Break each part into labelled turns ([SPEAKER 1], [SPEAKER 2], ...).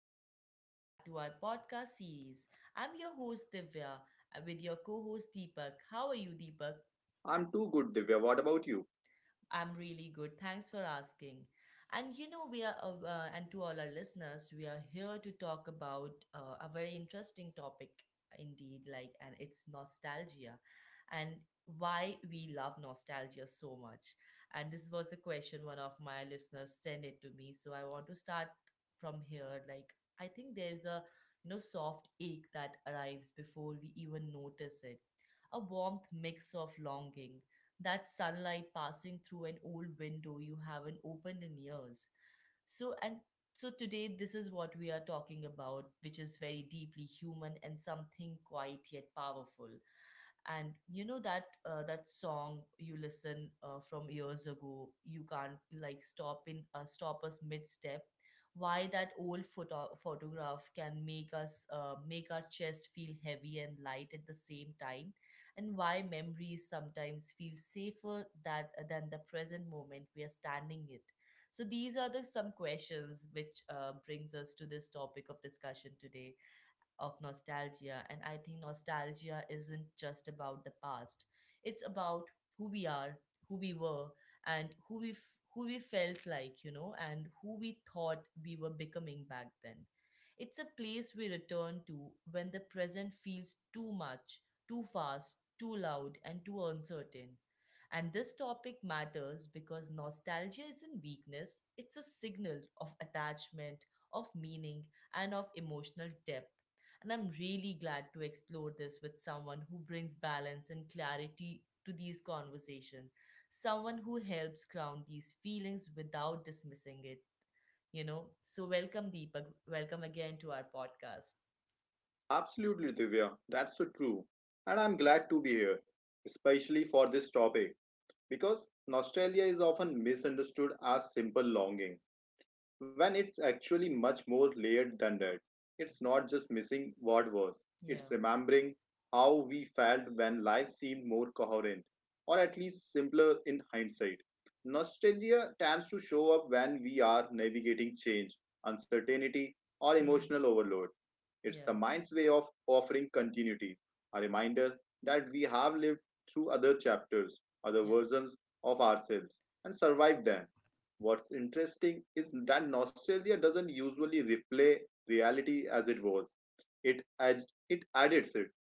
[SPEAKER 1] and welcome back to our podcast series. I'm your host, Divya, with your co host, Deepak. How are you, Deepak?
[SPEAKER 2] I'm too good, Divya. What about you?
[SPEAKER 1] I'm really good. Thanks for asking. And you know, and to all our listeners, we are here to talk about a very interesting topic indeed, like, and it's nostalgia and why we love nostalgia so much. And this was the question one of my listeners sent it to me. So I want to start from here. Like, I think there's a soft ache that arrives before we even notice it. A warmth mix of longing that sunlight passing through an old window you haven't opened in years. So, and so today, this is what we are talking about, which is very deeply human and something quiet yet powerful. And you know that that song you listen from years ago you can't like stop us mid step. Why that old photograph can make us make our chest feel heavy and light at the same time. And why memories sometimes feel safer that than the present moment we are standing it. So these are the some questions which brings us to this topic of discussion today of nostalgia. And I think nostalgia isn't just about the past, it's about who we are, who we were, and who we felt like, and who we thought we were becoming back then. It's a place we return to when the present feels too much, too fast, too loud, and too uncertain. And this topic matters because nostalgia isn't weakness, it's a signal of attachment, of meaning, and of emotional depth. And I'm really glad to explore this with someone who brings balance and clarity to these conversations, someone who helps ground these feelings without dismissing it. So, welcome, Deepak. Welcome again to our podcast.
[SPEAKER 2] Absolutely, Divya. That's so true. And I'm glad to be here, especially for this topic, because nostalgia is often misunderstood as simple longing. When it's actually much more layered than that. It's not just missing what was, it's
[SPEAKER 1] Yeah.
[SPEAKER 2] remembering how we felt when life seemed more coherent, or at least simpler in hindsight. Nostalgia tends to show up when we are navigating change, uncertainty, or
[SPEAKER 1] Hmm.
[SPEAKER 2] emotional overload. It's the
[SPEAKER 1] Yeah.
[SPEAKER 2] mind's way of offering continuity, a reminder that we have lived through other chapters, other
[SPEAKER 1] Yeah.
[SPEAKER 2] versions of ourselves, and survived them. What's interesting is that nostalgia doesn't usually replay reality as it was. It edits it.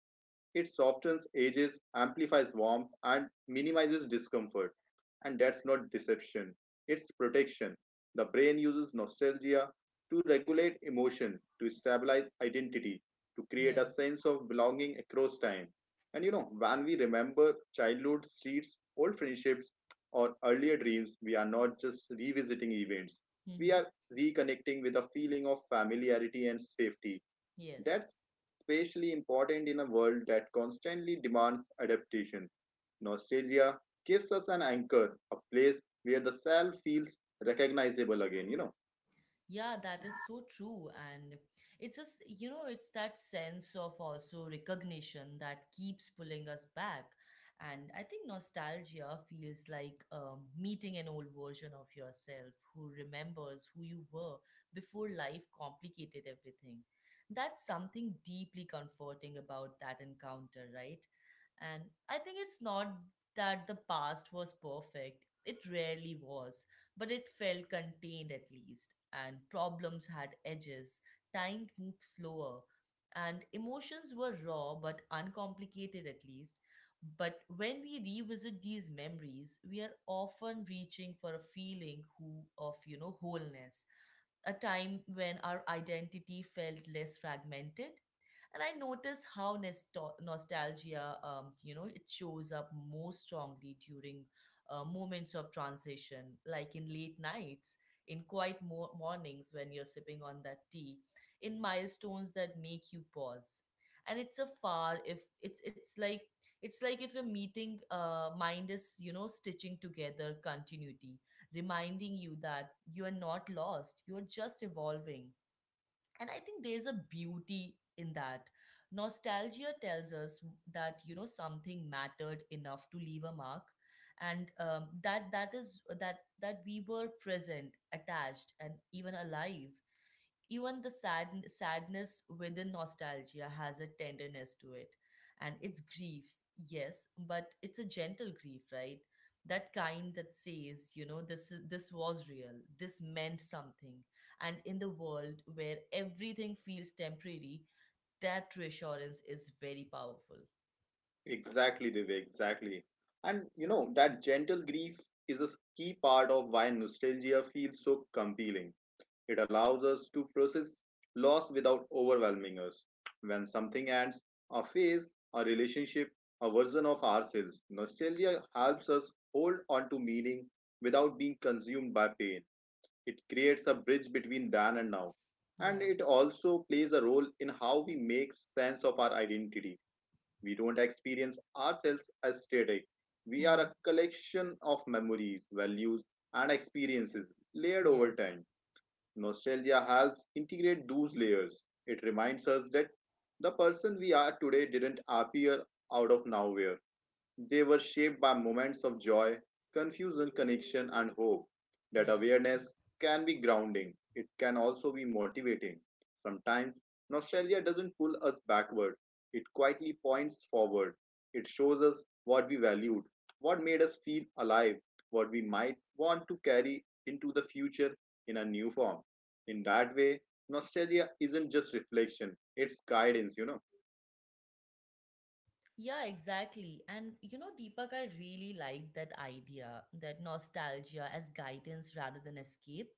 [SPEAKER 2] It softens edges, amplifies warmth, and minimizes discomfort. And that's not deception, it's protection. The brain uses nostalgia to regulate emotion, to stabilize identity, to create
[SPEAKER 1] Yeah.
[SPEAKER 2] a sense of belonging across time. And you know, when we remember childhood, streets, old friendships, or earlier dreams, we are not just revisiting events, we
[SPEAKER 1] Hmm.
[SPEAKER 2] are reconnecting with a feeling of familiarity and safety
[SPEAKER 1] Yes.
[SPEAKER 2] that's especially important in a world that constantly demands adaptation. Nostalgia gives us an anchor, a place where the self feels recognizable again, you know.
[SPEAKER 1] Yeah, that is so true. And it's just, it's that sense of also recognition that keeps pulling us back. And I think nostalgia feels like meeting an old version of yourself who remembers who you were before life complicated everything. That's something deeply comforting about that encounter, right? And I think it's not that the past was perfect, it rarely was, but it felt contained at least, and problems had edges, time moved slower, and emotions were raw but uncomplicated at least. But when we revisit these memories, we are often reaching for a feeling of wholeness, a time when our identity felt less fragmented. And I notice how nostalgia, it shows up most strongly during moments of transition, like in late nights, in quiet mornings when you're sipping on that tea, in milestones that make you pause. And it's like if a meeting mind is stitching together continuity, reminding you that you are not lost, you're just evolving. And I think there's a beauty in that. Nostalgia tells us that, something mattered enough to leave a mark. And that that is that that we were present, attached, and even alive. Even the sadness within nostalgia has a tenderness to it. And it's grief, yes, but it's a gentle grief, right? That kind that says, this was real, this meant something. And in the world where everything feels temporary, that reassurance is very powerful.
[SPEAKER 2] Exactly, Divya, exactly. And you know, that gentle grief is a key part of why nostalgia feels so compelling. It allows us to process loss without overwhelming us. When something ends, a phase, a relationship, a version of ourselves, nostalgia helps us hold on to meaning without being consumed by pain. It creates a bridge between then and now. And
[SPEAKER 1] Yeah.
[SPEAKER 2] it also plays a role in how we make sense of our identity. We don't experience ourselves as static. We are
[SPEAKER 1] Hmm.
[SPEAKER 2] a collection of memories, values, and experiences layered
[SPEAKER 1] Yeah.
[SPEAKER 2] over time. Nostalgia helps integrate those layers. It reminds us that the person we are today didn't appear out of nowhere. They were shaped by moments of joy, confusion, connection, and hope. That
[SPEAKER 1] Yeah.
[SPEAKER 2] awareness can be grounding, it can also be motivating. Sometimes, nostalgia doesn't pull us backward, it quietly points forward. It shows us what we valued, what made us feel alive, what we might want to carry into the future in a new form. In that way, nostalgia isn't just reflection, it's guidance, you know.
[SPEAKER 1] Yeah, exactly. And you know, Deepak, I really like that idea that nostalgia as guidance rather than escape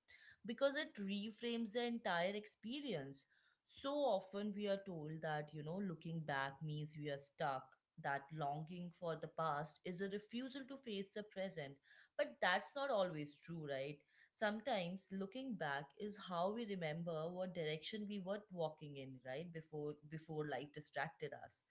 [SPEAKER 1] because it reframes the entire experience. So often we are told that, looking back means we are stuck, that longing for the past is a refusal to face the present. But that's not always true, right? Sometimes looking back is how we remember what direction we were walking in, right? Before life distracted us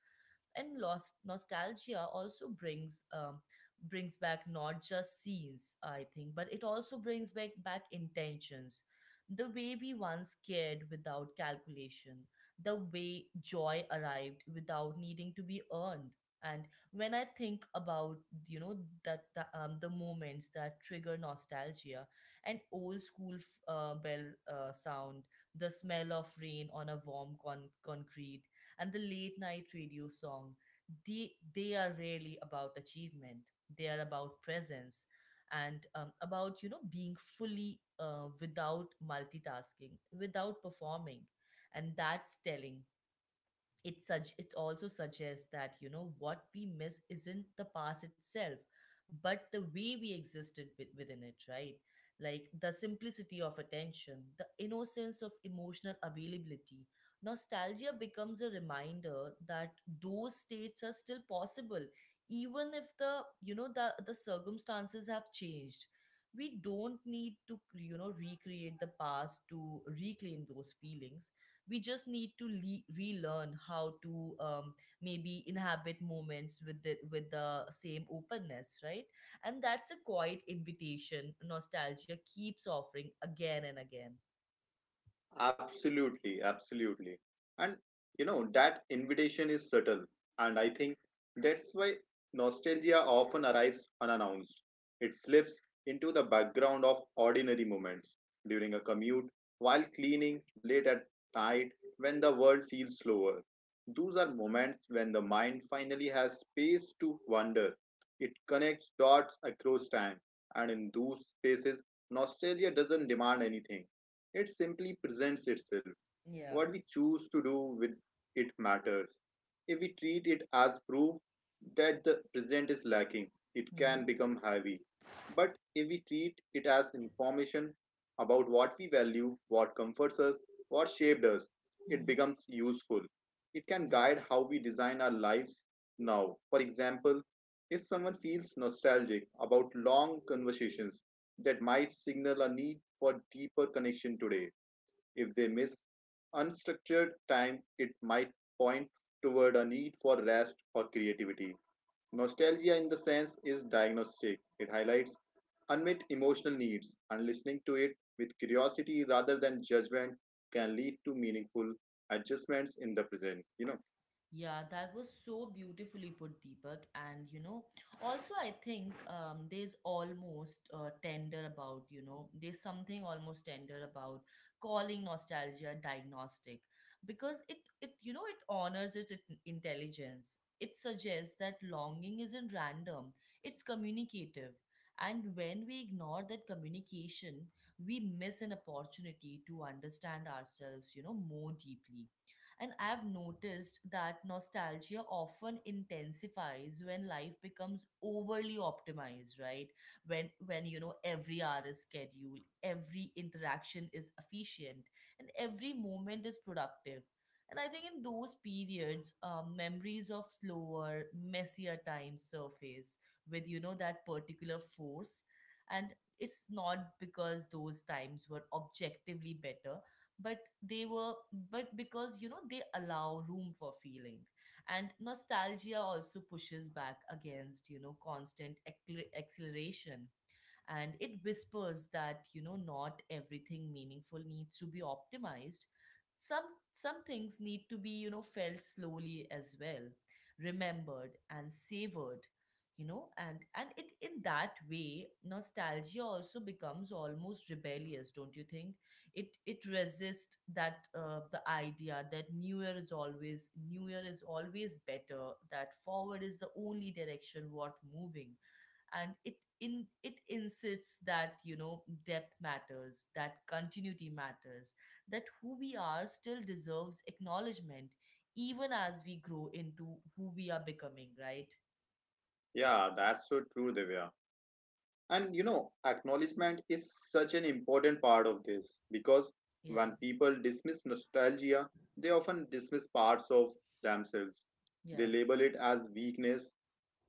[SPEAKER 1] and lost nostalgia also brings brings back not just scenes, I think, but it also brings back intentions, the way we once cared without calculation, the way joy arrived without needing to be earned. And when I think about, you know that the moments that trigger nostalgia, an old school bell sound, the smell of rain on a warm concrete, and the late night radio song, they are really about achievement. They are about presence and, about, being fully, without multitasking, without performing. And that's telling. It also suggests that, what we miss isn't the past itself but the way we existed within it, right? Like the simplicity of attention, the innocence of emotional availability. Nostalgia becomes a reminder that those states are still possible even if the you know the circumstances have changed. We don't need to recreate the past to reclaim those feelings. We just need to relearn how to, maybe inhabit moments with the same openness, right? And that's a quiet invitation nostalgia keeps offering again and again.
[SPEAKER 2] Absolutely, absolutely. And you know, that invitation is subtle. And I think that's why nostalgia often arrives unannounced. It slips into the background of ordinary moments during a commute, while cleaning, late at night, when the world feels slower. Those are moments when the mind finally has space to wander. It connects dots across time. And in those spaces, nostalgia doesn't demand anything, it simply presents itself.
[SPEAKER 1] Yeah.
[SPEAKER 2] What we choose to do with it matters. If we treat it as proof that the present is lacking, it can
[SPEAKER 1] Mm-hmm.
[SPEAKER 2] become heavy. But if we treat it as information about what we value, what comforts us, what shaped us, it
[SPEAKER 1] Mm-hmm.
[SPEAKER 2] becomes useful. It can
[SPEAKER 1] Yeah.
[SPEAKER 2] guide how we design our lives now. For example, if someone feels nostalgic about long conversations, that might signal a need for deeper connection today. If they miss unstructured time, it might point toward a need for rest or creativity. Nostalgia, in the sense, is diagnostic. It highlights unmet emotional needs, and listening to it with curiosity rather than judgment can lead to meaningful adjustments in the present. You know,
[SPEAKER 1] Yeah, that was so beautifully put, Deepak. And you know, also I think, there's almost tender about you know there's something almost tender about calling nostalgia diagnostic, because it you know it honors its intelligence. It suggests that longing isn't random; it's communicative. And when we ignore that communication, we miss an opportunity to understand ourselves, more deeply. And I've noticed that nostalgia often intensifies when life becomes overly optimized, right? When every hour is scheduled, every interaction is efficient, and every moment is productive. And I think in those periods, memories of slower, messier times surface with that particular force. And it's not because those times were objectively better, but they were but because they allow room for feeling. And nostalgia also pushes back against, constant acceleration, and it whispers that, not everything meaningful needs to be optimized. Some some things need to be, felt slowly as well, remembered and savored. You know and and it in that way, nostalgia also becomes almost rebellious, don't you think? It resists that the idea that new year is always better, that forward is the only direction worth moving. And it insists that, depth matters, that continuity matters, that who we are still deserves acknowledgement even as we grow into who we are becoming, right?
[SPEAKER 2] yeah, that's so true, Divya. And you know, acknowledgement is such an important part of this because
[SPEAKER 1] Yeah.
[SPEAKER 2] when people dismiss nostalgia, they often dismiss parts of themselves.
[SPEAKER 1] Yeah.
[SPEAKER 2] They label it as weakness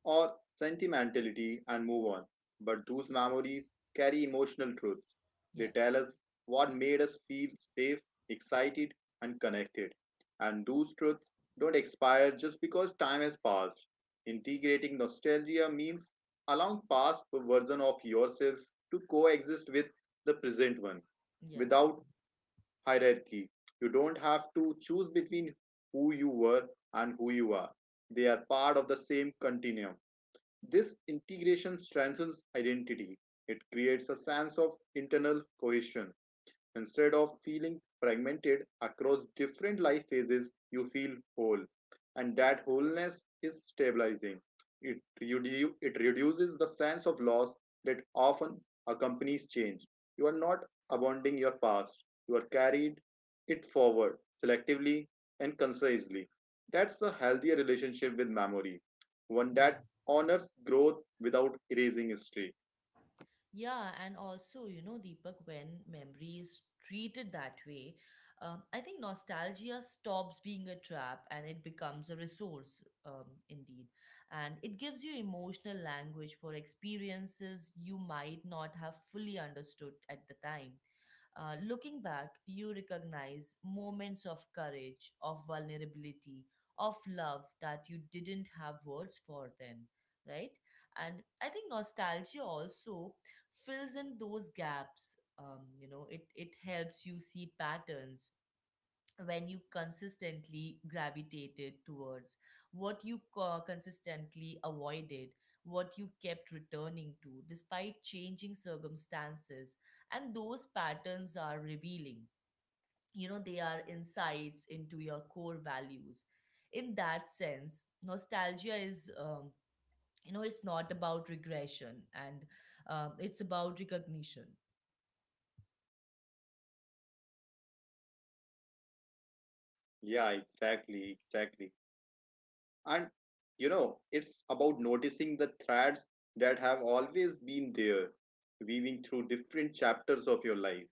[SPEAKER 2] or sentimentality and move on. But those memories carry emotional truths. They
[SPEAKER 1] Yeah.
[SPEAKER 2] tell us what made us feel safe, excited, and connected. And those truths don't expire just because time has passed. Integrating nostalgia means allowing past version of yourself to coexist with the present one
[SPEAKER 1] Yeah.
[SPEAKER 2] without hierarchy. You don't have to choose between who you were and who you are. They are part of the same continuum. This integration strengthens identity; it creates a sense of internal cohesion. Instead of feeling fragmented across different life phases, you feel whole. And that wholeness is stabilizing. It reduces the sense of loss that often accompanies change. You are not abandoning your past, you are carried it forward selectively and concisely. That's a healthier relationship with memory, one
[SPEAKER 1] Yeah.
[SPEAKER 2] that honors growth without erasing history.
[SPEAKER 1] Yeah, and also, you know, Deepak, when memory is treated that way, I think nostalgia stops being a trap and it becomes a resource, indeed. And it gives you emotional language for experiences you might not have fully understood at the time. Looking back, you recognize moments of courage, of vulnerability, of love that you didn't have words for then, right? And I think nostalgia also fills in those gaps. It helps you see patterns, when you consistently gravitated towards what you consistently avoided, what you kept returning to despite changing circumstances. And those patterns are revealing, they are insights into your core values. In that sense, nostalgia is, it's not about regression, and, it's about recognition.
[SPEAKER 2] Yeah, exactly, exactly. And you know, it's about noticing the threads that have always been there, weaving through different chapters of your life.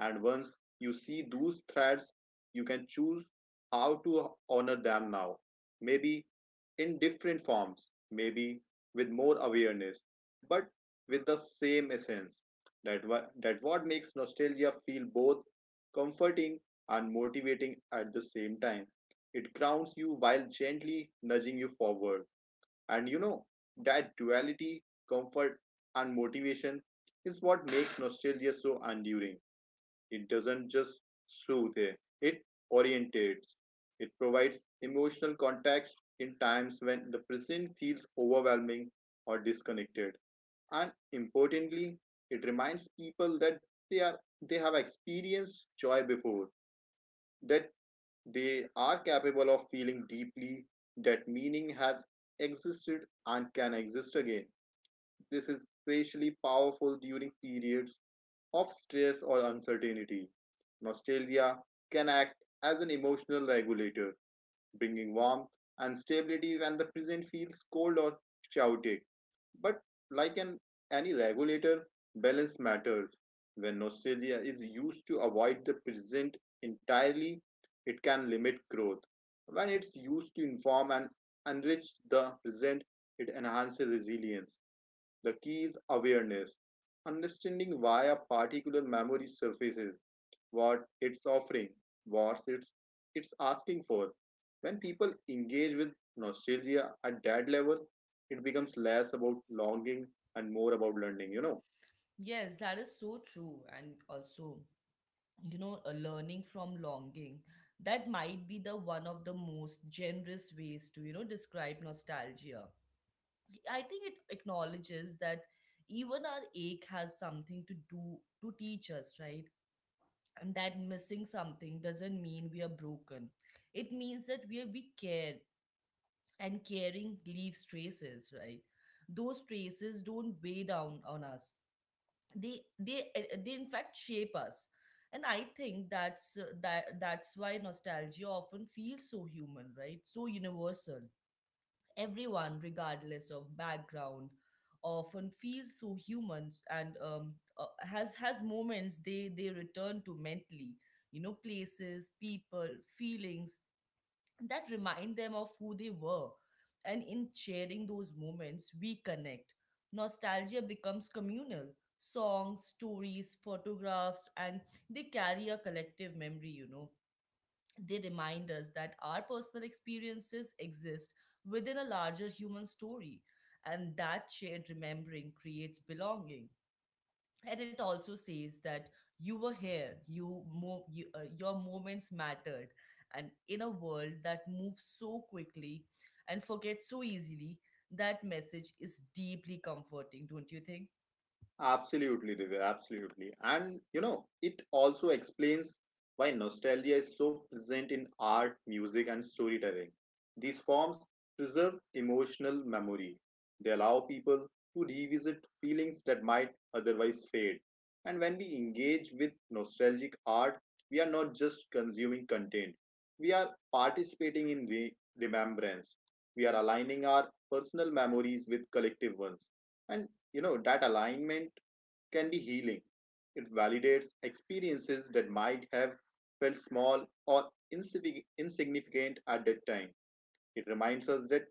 [SPEAKER 2] And once you see those threads, you can choose how to honor them now. Maybe in different forms, maybe with more awareness, but with the same essence. That what makes nostalgia feel both comforting and motivating at the same time. It grounds you while gently nudging you forward. And you know, that duality, comfort, and motivation is what makes nostalgia so enduring. It doesn't just soothe, it orientates. It provides emotional context in times when the present feels overwhelming or disconnected. And importantly, it reminds people that they are they have experienced joy before, that they are capable of feeling deeply, that meaning has existed and can exist again. This is especially powerful during periods of stress or uncertainty. Nostalgia can act as an emotional regulator, bringing warmth and stability when the present feels cold or chaotic. But like an, any regulator, balance matters. When nostalgia is used to avoid the present entirely, it can limit growth. When it's used to inform and enrich the present, it enhances resilience. The key is awareness, understanding why a particular memory surfaces, what it's offering, what it's, it's asking for. When people engage with nostalgia at that level, it becomes less about longing and more about learning, you know.
[SPEAKER 1] Yes, that is so true. And also, a learning from longing, that might be the one of the most generous ways to describe nostalgia. I think it acknowledges that even our ache has something to do to teach us, right? And that missing something doesn't mean we are broken, it means that we care. And caring leaves traces, right? Those traces don't weigh down on us, they in fact shape us. And I think that's why nostalgia often feels so human, right, so universal. Everyone, regardless of background, often feels so human, and, has moments they return to mentally, places, people, feelings that remind them of who they were. And in sharing those moments, we connect. Nostalgia becomes communal. Songs, stories, photographs, and they carry a collective memory. They remind us that our personal experiences exist within a larger human story, and that shared remembering creates belonging. And it also says that you were here you mo, you, your moments mattered. And in a world that moves so quickly and forgets so easily, that message is deeply comforting, don't you think?
[SPEAKER 2] Absolutely, Divya, absolutely. And you know, it also explains why nostalgia is so present in art, music, and storytelling. These forms preserve emotional memory. They allow people to revisit feelings that might otherwise fade. And when we engage with nostalgic art, we are not just consuming content, we are participating in remembrance. We are aligning our personal memories with collective ones. And you know, that alignment can be healing. It validates experiences that might have felt small or insignificant at that time. It reminds us that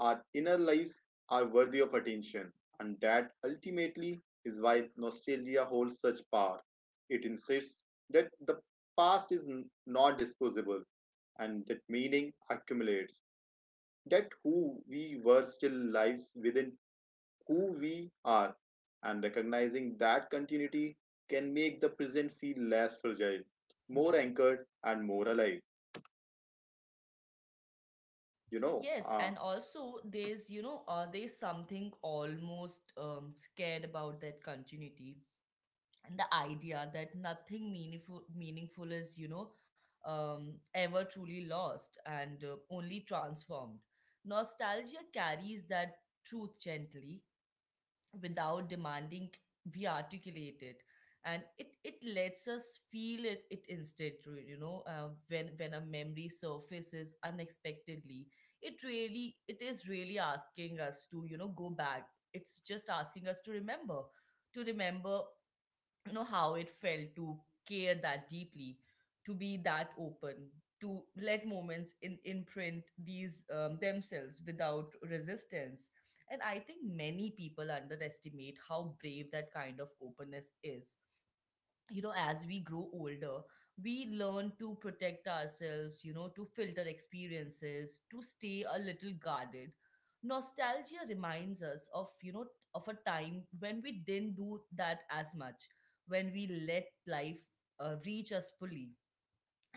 [SPEAKER 2] our inner lives are worthy of attention, and that ultimately is why nostalgia holds such power. It insists that the past is not disposable and that meaning accumulates, that who we were still lives within who we are, and recognizing that continuity can make the present feel less fragile, more
[SPEAKER 1] Yeah.
[SPEAKER 2] anchored, and more alive. You know,
[SPEAKER 1] Yes,
[SPEAKER 2] uh,
[SPEAKER 1] and also there's you know there's something almost scared about that continuity, and the idea that nothing meaningful is, you know, ever truly lost and only transformed. Nostalgia carries that truth gently without demanding we articulate it, and it lets us feel it instead through, you know, when a memory surfaces unexpectedly. It really, it is really asking us to, you know, go back. It's just asking us to remember. To remember, you know, how it felt to care that deeply, to be that open, to let moments in, imprint these themselves without resistance. And I think many people underestimate how brave that kind of openness is. You know, as we grow older, we learn to protect ourselves, you know, to filter experiences, to stay a little guarded. Nostalgia reminds us of, you know, of a time when we didn't do that as much, when we let life reach us fully.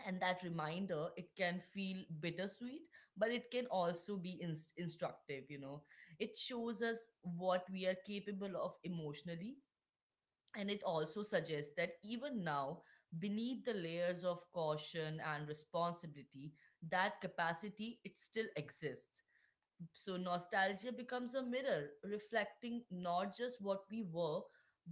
[SPEAKER 1] And that reminder, it can feel bittersweet, but it can also be instructive, you know. It shows us what we are capable of emotionally, and it also suggests that even now, beneath the layers of caution and responsibility, that capacity, it still exists. So nostalgia becomes a mirror reflecting not just what we were,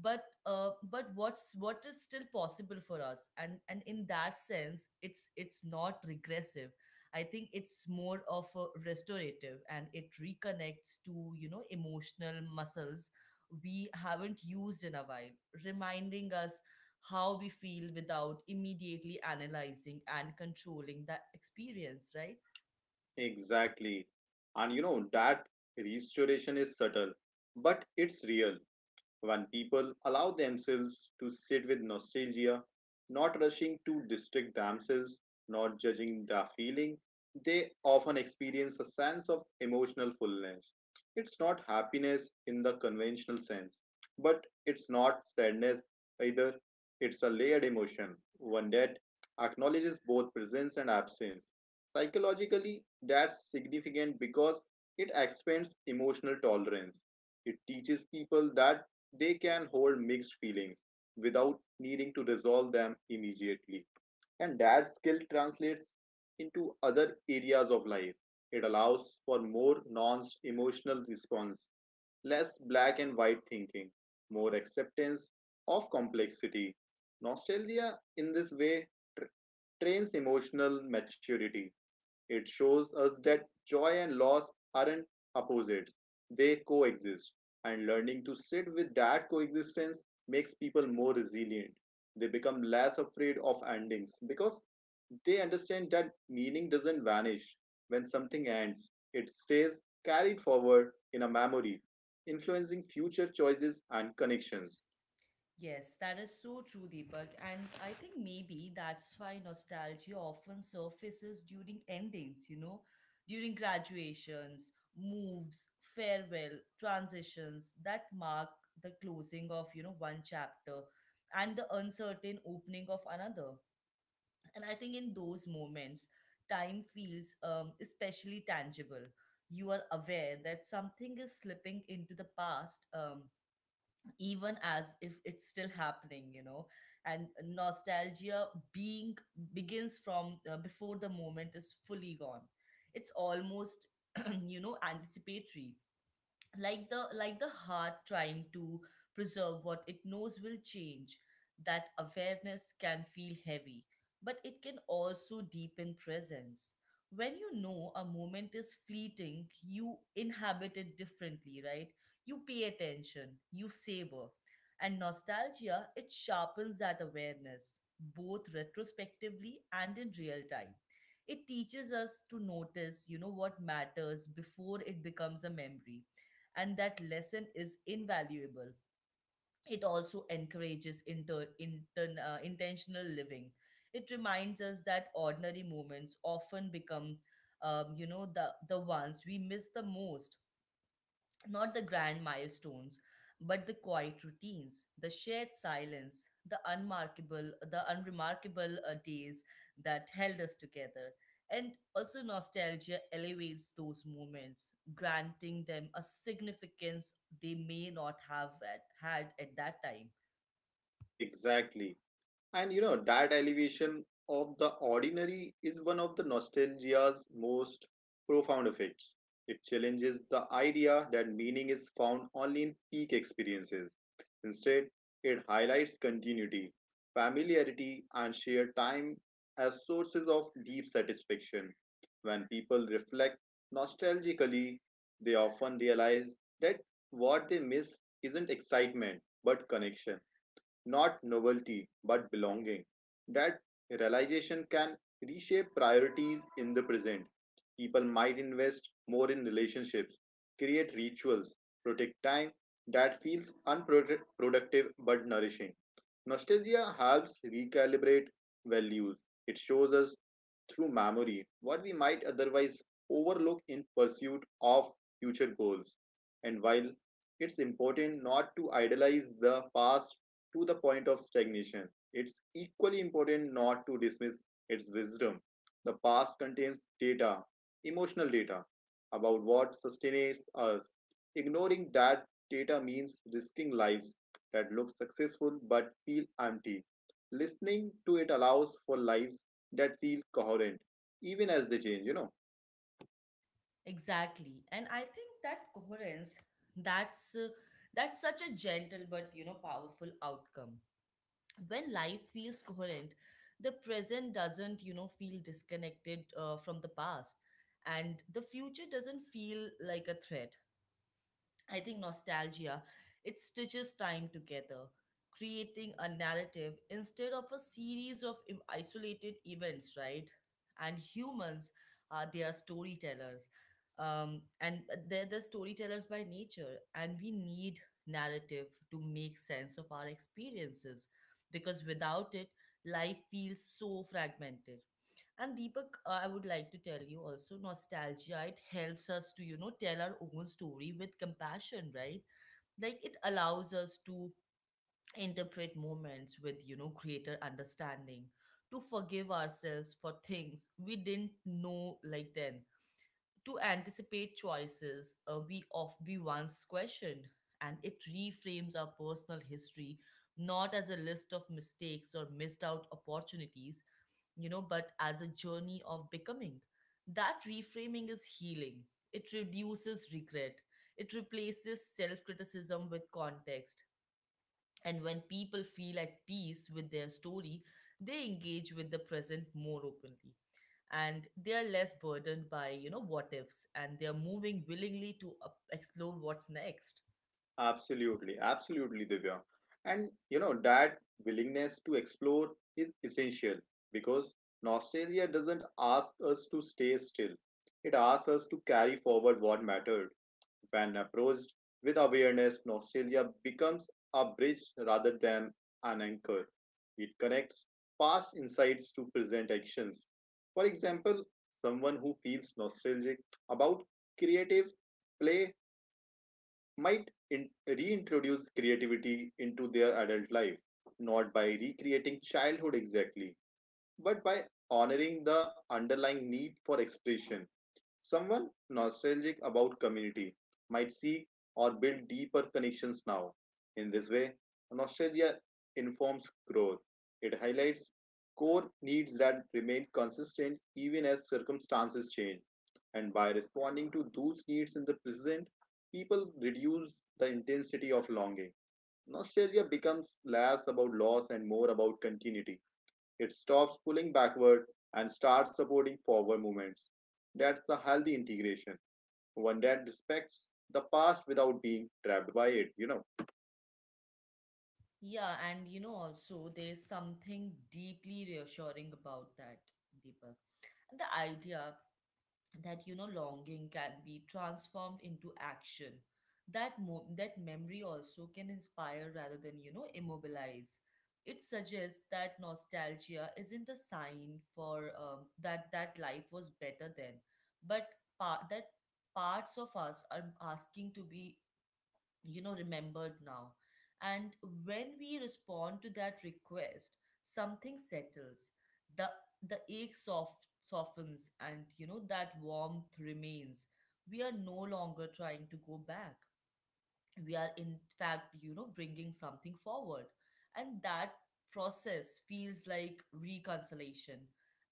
[SPEAKER 1] but what is still possible for us. And in that sense, it's not regressive. I think it's more of a restorative, and it reconnects to, you know, emotional muscles we haven't used in a while, reminding us how we feel without immediately analyzing and controlling that experience, right?
[SPEAKER 2] exactly. And you know, that restoration is subtle, but it's real. When people allow themselves to sit with nostalgia, not rushing to distract themselves, not judging the feeling, they often experience a sense of emotional fullness. It's not happiness in the conventional sense, but it's not sadness either. It's a layered emotion, one that acknowledges both presence and absence. Psychologically, that's significant because it expands emotional tolerance. It teaches people that they can hold mixed feelings without needing to resolve them immediately. And that skill translates into other areas of life. It allows for more non emotional response, less black and white thinking, more acceptance of complexity. Nostalgia, in this way, tr- trains emotional maturity. It shows us that joy and loss aren't opposites, they coexist. And learning to sit with that coexistence makes people more resilient. They become less afraid of endings because they understand that meaning doesn't vanish. When something ends, it stays carried forward in a memory, influencing future choices and connections.
[SPEAKER 1] Yes, that is so true, Deepak. And I think maybe that's why nostalgia often surfaces during endings, you know, during graduations, moves, farewell, transitions that mark the closing of, you know, one chapter and the uncertain opening of another. And I think in those moments, time feels especially tangible. You are aware that something is slipping into the past, even as if it's still happening, you know. And nostalgia, being begins from before the moment is fully gone. It's almost you know, anticipatory, like the heart trying to preserve what it knows will change. That awareness can feel heavy, but it can also deepen presence. When, you know, a moment is fleeting, you inhabit it differently, right? You pay attention, you savor, and nostalgia, it sharpens that awareness both retrospectively and in real time. It teaches us to notice, you know, what matters before it becomes a memory, and that lesson is invaluable. It also encourages intentional living. It reminds us that ordinary moments often become, you know, the ones we miss the most. Not the grand milestones, but the quiet routines, the shared silence, the unremarkable days that held us together. And also, nostalgia elevates those moments, granting them a significance they may not had at that time.
[SPEAKER 2] Exactly. And you know, that elevation of the ordinary is one of the nostalgia's most profound effects. It challenges the idea that meaning is found only in peak experiences. Instead, it highlights continuity, familiarity, and shared time as sources of deep satisfaction. When people reflect nostalgically, they often realize that what they miss isn't excitement but connection, not novelty, but belonging. That realization can reshape priorities in the present. People might invest more in relationships, create rituals, protect time that feels unproductive but nourishing. Nostalgia helps recalibrate values. It shows us through memory what we might otherwise overlook in pursuit of future goals. And while it's important not to idolize the past to the point of stagnation, it's equally important not to dismiss its wisdom. The past contains data, emotional data, about what sustains us. Ignoring that data means risking lives that look successful but feel empty. Listening to it allows for lives that feel coherent even as they change, you know.
[SPEAKER 1] Exactly, and I think that coherence, that's uh, that's such a gentle but, you know, powerful outcome. When life feels coherent, the present doesn't, you know, feel disconnected from the past, and the future doesn't feel like a threat. I think nostalgia, it stitches time together, creating a narrative instead of a series of isolated events, right? And humans, they are storytellers. And they're the storytellers by nature, and we need narrative to make sense of our experiences, because without it, life feels so fragmented. And Deepak, I would like to tell you also, nostalgia, it helps us to, you know, tell our own story with compassion, right? Like it allows us to interpret moments with, you know, greater understanding, to forgive ourselves for things we didn't know like then, to anticipate choices we once questioned. And it reframes our personal history not as a list of mistakes or missed out opportunities, you know, but as a journey of becoming. That reframing is healing. It reduces regret. It replaces self criticism with context. And when people feel at peace with their story, they engage with the present more openly. And they are less burdened by, you know, what ifs, and they are moving willingly to explore what's next.
[SPEAKER 2] Absolutely, absolutely, Divya. And you know, that willingness to explore is essential because nostalgia doesn't ask us to stay still, it asks us to carry forward what mattered. When approached with awareness, nostalgia becomes a bridge rather than an anchor. It connects past insights to present actions. For example, someone who feels nostalgic about creative play might reintroduce creativity into their adult life, not by recreating childhood exactly, but by honoring the underlying need for expression. Someone nostalgic about community might seek or build deeper connections now. In this way, nostalgia informs growth. It highlights core needs that remain consistent even as circumstances change. And by responding to those needs in the present, people reduce the intensity of longing. Nostalgia becomes less about loss and more about continuity. It stops pulling backward and starts supporting forward movements. That's a healthy integration, one that respects the past without being trapped by it.
[SPEAKER 1] Yeah, and you know, also there's something deeply reassuring about that, Deepak. The idea that, you know, longing can be transformed into action. That memory also can inspire rather than, you know, immobilize. It suggests that nostalgia isn't a sign for that life was better then, but part that parts of us are asking to be, you know, remembered now. And when we respond to that request, something settles. The the ache softens, and you know, that warmth remains. We are no longer trying to go back, we are, in fact, you know, bringing something forward. And that process feels like reconciliation,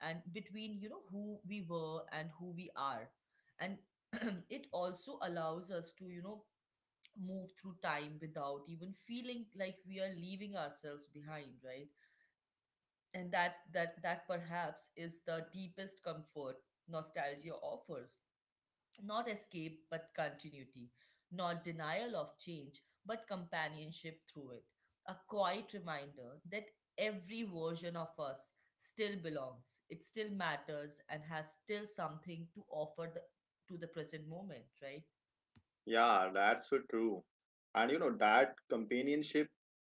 [SPEAKER 1] and between, you know, who we were and who we are. And it also allows us to, you know, move through time without even feeling like we are leaving ourselves behind, right? And that perhaps is the deepest comfort nostalgia offers. Not escape, but continuity. Not denial of change, but companionship through it. A quiet reminder that every version of us still belongs, it still matters, and has still something to offer the to the present moment, right?
[SPEAKER 2] Yeah, that's so true. And you know, that companionship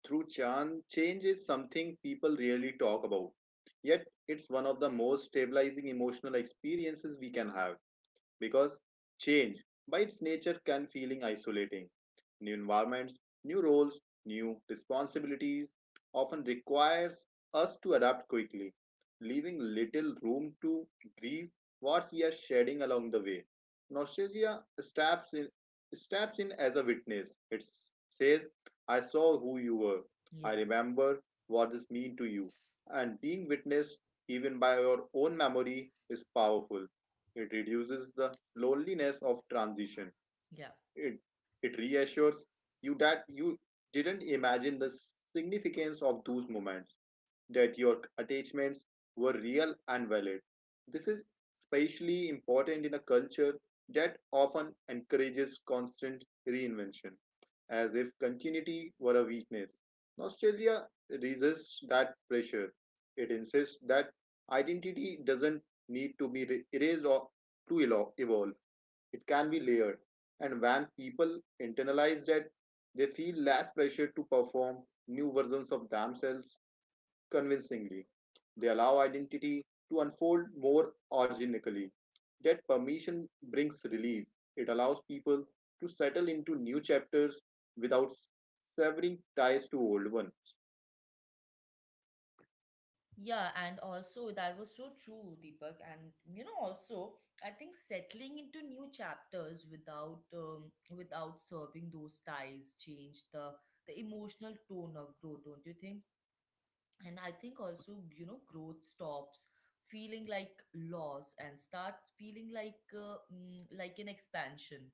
[SPEAKER 2] through change is something people rarely talk about. Yet, it's one of the most stabilizing emotional experiences we can have because change, by its nature, can feeling isolating. New environments, new roles, new responsibilities often requires us to adapt quickly, leaving little room to grieve what we are shedding along the way. Nostalgia steps in as a witness. It says, "I saw who you were. I
[SPEAKER 1] Yeah.
[SPEAKER 2] remember what this mean to you." And being witnessed even by your own memory is powerful. It reduces the loneliness of transition.
[SPEAKER 1] Yeah.
[SPEAKER 2] It, it reassures you that you didn't imagine the significance of those moments that your attachments were real and valid. This is especially important in a culture that often encourages constant reinvention, as if continuity were a weakness. Nostalgia resists that pressure. It insists that identity doesn't need to be erased or to evolve, it can be layered. And when people internalize that, they feel less pressure to perform new versions of themselves convincingly, they allow identity to unfold more organically. That permission brings relief. It allows people to settle into new chapters without severing ties to old ones.
[SPEAKER 1] Yeah, and also that was so true, Deepak. And you know, also I think settling into new chapters without without serving those ties changed the emotional tone of growth, don't you think? And I think also, you know, growth stops feeling like loss and start feeling like like an expansion.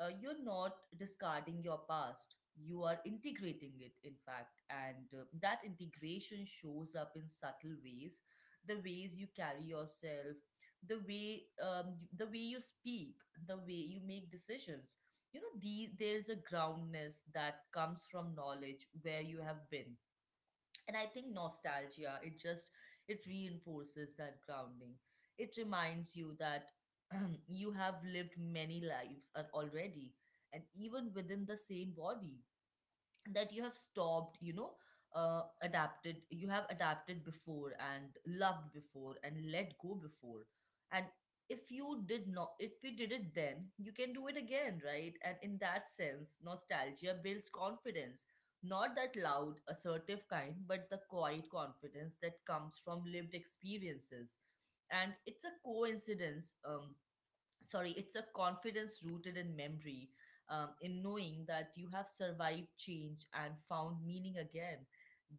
[SPEAKER 1] Uh, you're not discarding your past, you are integrating it, in fact. And that integration shows up in subtle ways: the ways you carry yourself, the way the way you speak, the way you make decisions. You know, there's a groundness that comes from knowledge where you have been. And I think nostalgia, it just, it reinforces that grounding. It reminds you that you have lived many lives already, and even within the same body, that you have stopped you know, adapted you have adapted before, and loved before, and let go before. And if you did not if you did it then, you can do it again, right? And in that sense, nostalgia builds confidence, not that loud assertive kind, but the quiet confidence that comes from lived experiences. And it's a confidence rooted in memory, in knowing that you have survived change and found meaning again.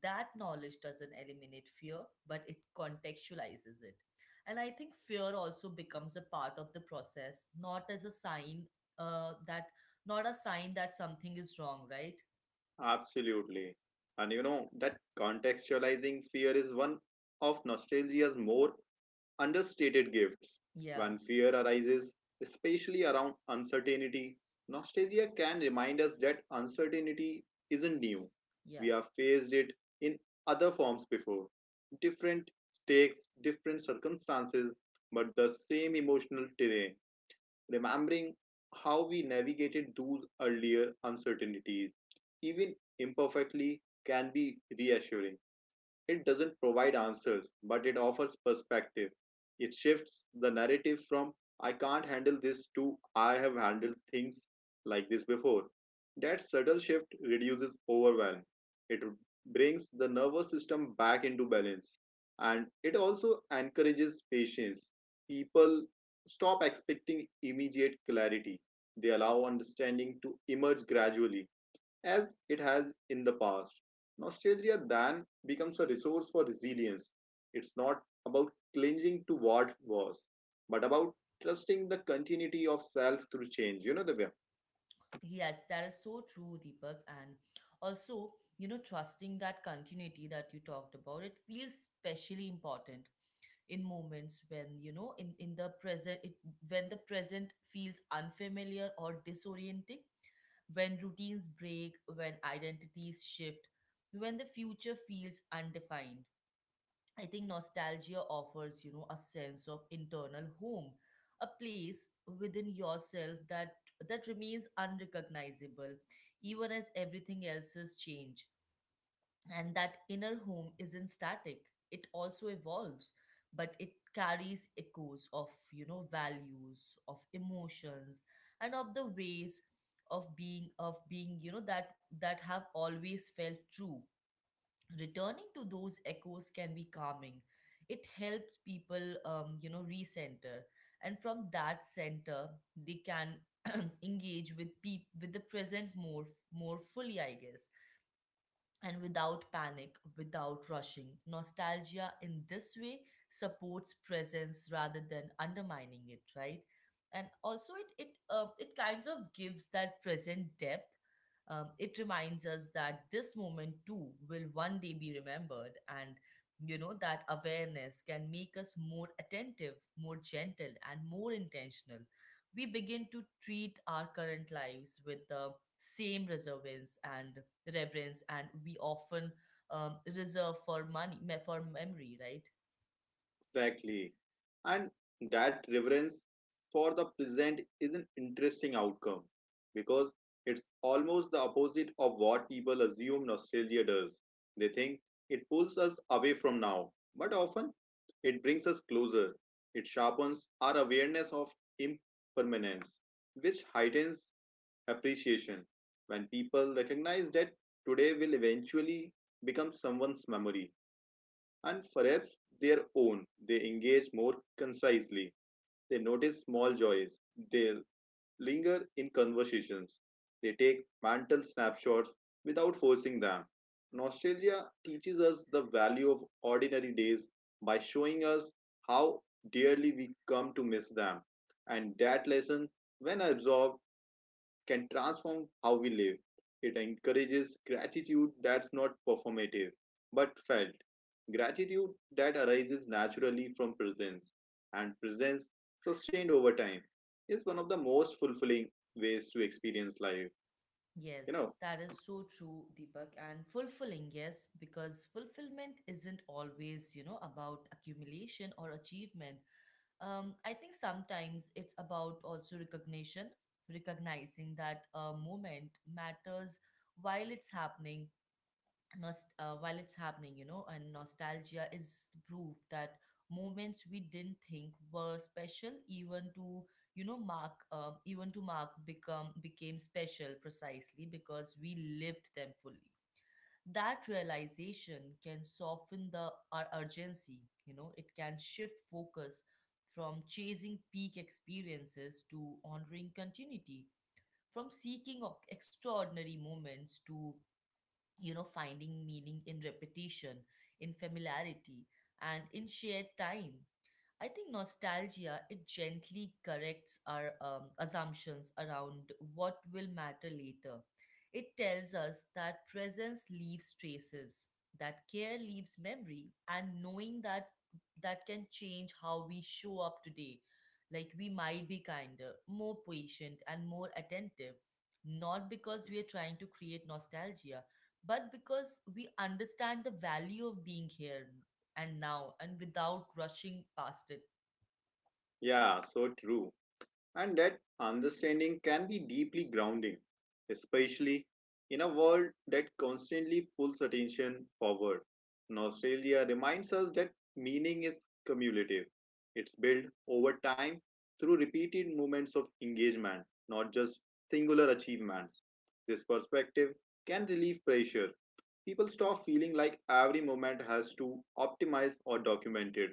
[SPEAKER 1] That knowledge doesn't eliminate fear, but it contextualizes it. And I think fear also becomes a part of the process, not as a sign that not a sign that something is wrong, right?
[SPEAKER 2] Absolutely. And you know, that contextualizing fear is one of nostalgia's more understated gifts.
[SPEAKER 1] Yeah.
[SPEAKER 2] When fear arises, especially around uncertainty, nostalgia can remind us that uncertainty isn't new. We
[SPEAKER 1] Yeah.
[SPEAKER 2] have faced it in other forms before. Different stakes, different circumstances, but the same emotional terrain. Remembering how we navigated those earlier uncertainties, even imperfectly, can be reassuring. It doesn't provide answers, but it offers perspective. It shifts the narrative from I can't handle this to I have handled things like this before. That subtle shift reduces overwhelm. It brings the nervous system back into balance and it also encourages patience. People stop expecting immediate clarity, they allow understanding to emerge gradually as it has in the past. Nostalgia then becomes a resource for resilience. It's not about clinging to what was, but about trusting the continuity of self through change. You know the way
[SPEAKER 1] Yes, that is so true, Deepak. And also, you know, trusting that continuity that you talked about, it feels especially important in moments when, you know, in the present when the present feels unfamiliar or disorienting, when routines break, when identities shift, when the future feels undefined. I think nostalgia offers, you know, a sense of internal home, a place within yourself that remains unrecognizable even as everything else has changed. And that inner home isn't static, it also evolves, but it carries echoes of, you know, values, of emotions, and of the ways of being, you know, that have always felt true. Returning to those echoes can be calming. It helps people, you know, recenter. And from that center, they can engage with with the present more fully, I guess, and without panic, without rushing. Nostalgia in this way supports presence rather than undermining it, right? And also, it it kinds of gives that present depth. It reminds us that this moment too will one day be remembered, and you know, that awareness can make us more attentive, more gentle, and more intentional. We begin to treat our current lives with the same reservance and reverence and we often reserve for for memory, right?
[SPEAKER 2] exactly, and that reverence for the present is an interesting outcome because it's almost the opposite of what people assume nostalgia does. They think it pulls us away from now, but often it brings us closer. It sharpens our awareness of impermanence, which heightens appreciation. When people recognize that today will eventually become someone's memory and perhaps their own, they engage more concisely. They notice small joys. They linger in conversations. They take mental snapshots without forcing them. Nostalgia teaches us the value of ordinary days by showing us how dearly we come to miss them. And that lesson, when absorbed, can transform how we live. It encourages gratitude that's not performative, but felt. Gratitude that arises naturally from presence, and presence sustained over time is one of the most fulfilling ways to experience life. You
[SPEAKER 1] Yes,
[SPEAKER 2] know,
[SPEAKER 1] that is so true, Deepak. And fulfilling, yes, because fulfillment isn't always, you know, about accumulation or achievement. Um, I think sometimes it's about also recognition, recognizing that a moment matters while it's happening, while it's happening, you know. And nostalgia is the proof that moments we didn't think were special, even to you know mark, even to mark, become became special precisely because we lived them fully. That realization can soften the our urgency. You know, it can shift focus from chasing peak experiences to honoring continuity, from seeking of extraordinary moments to, you know, finding meaning in repetition, in familiarity, and in shared time. I think nostalgia, it gently corrects our assumptions around what will matter later. It tells us that presence leaves traces, that care leaves memory, and knowing that can change how we show up today. Like we might be kinder, more patient, and more attentive, not because we are trying to create nostalgia, but because we understand the value of being here and now and without rushing past it.
[SPEAKER 2] yeah, so true. And that understanding can be deeply grounding, especially in a world that constantly pulls attention forward. Nostalgia reminds us that meaning is cumulative, it's built over time through repeated moments of engagement, not just singular achievements. This perspective can relieve pressure. People stop feeling like every moment has to optimize or document it.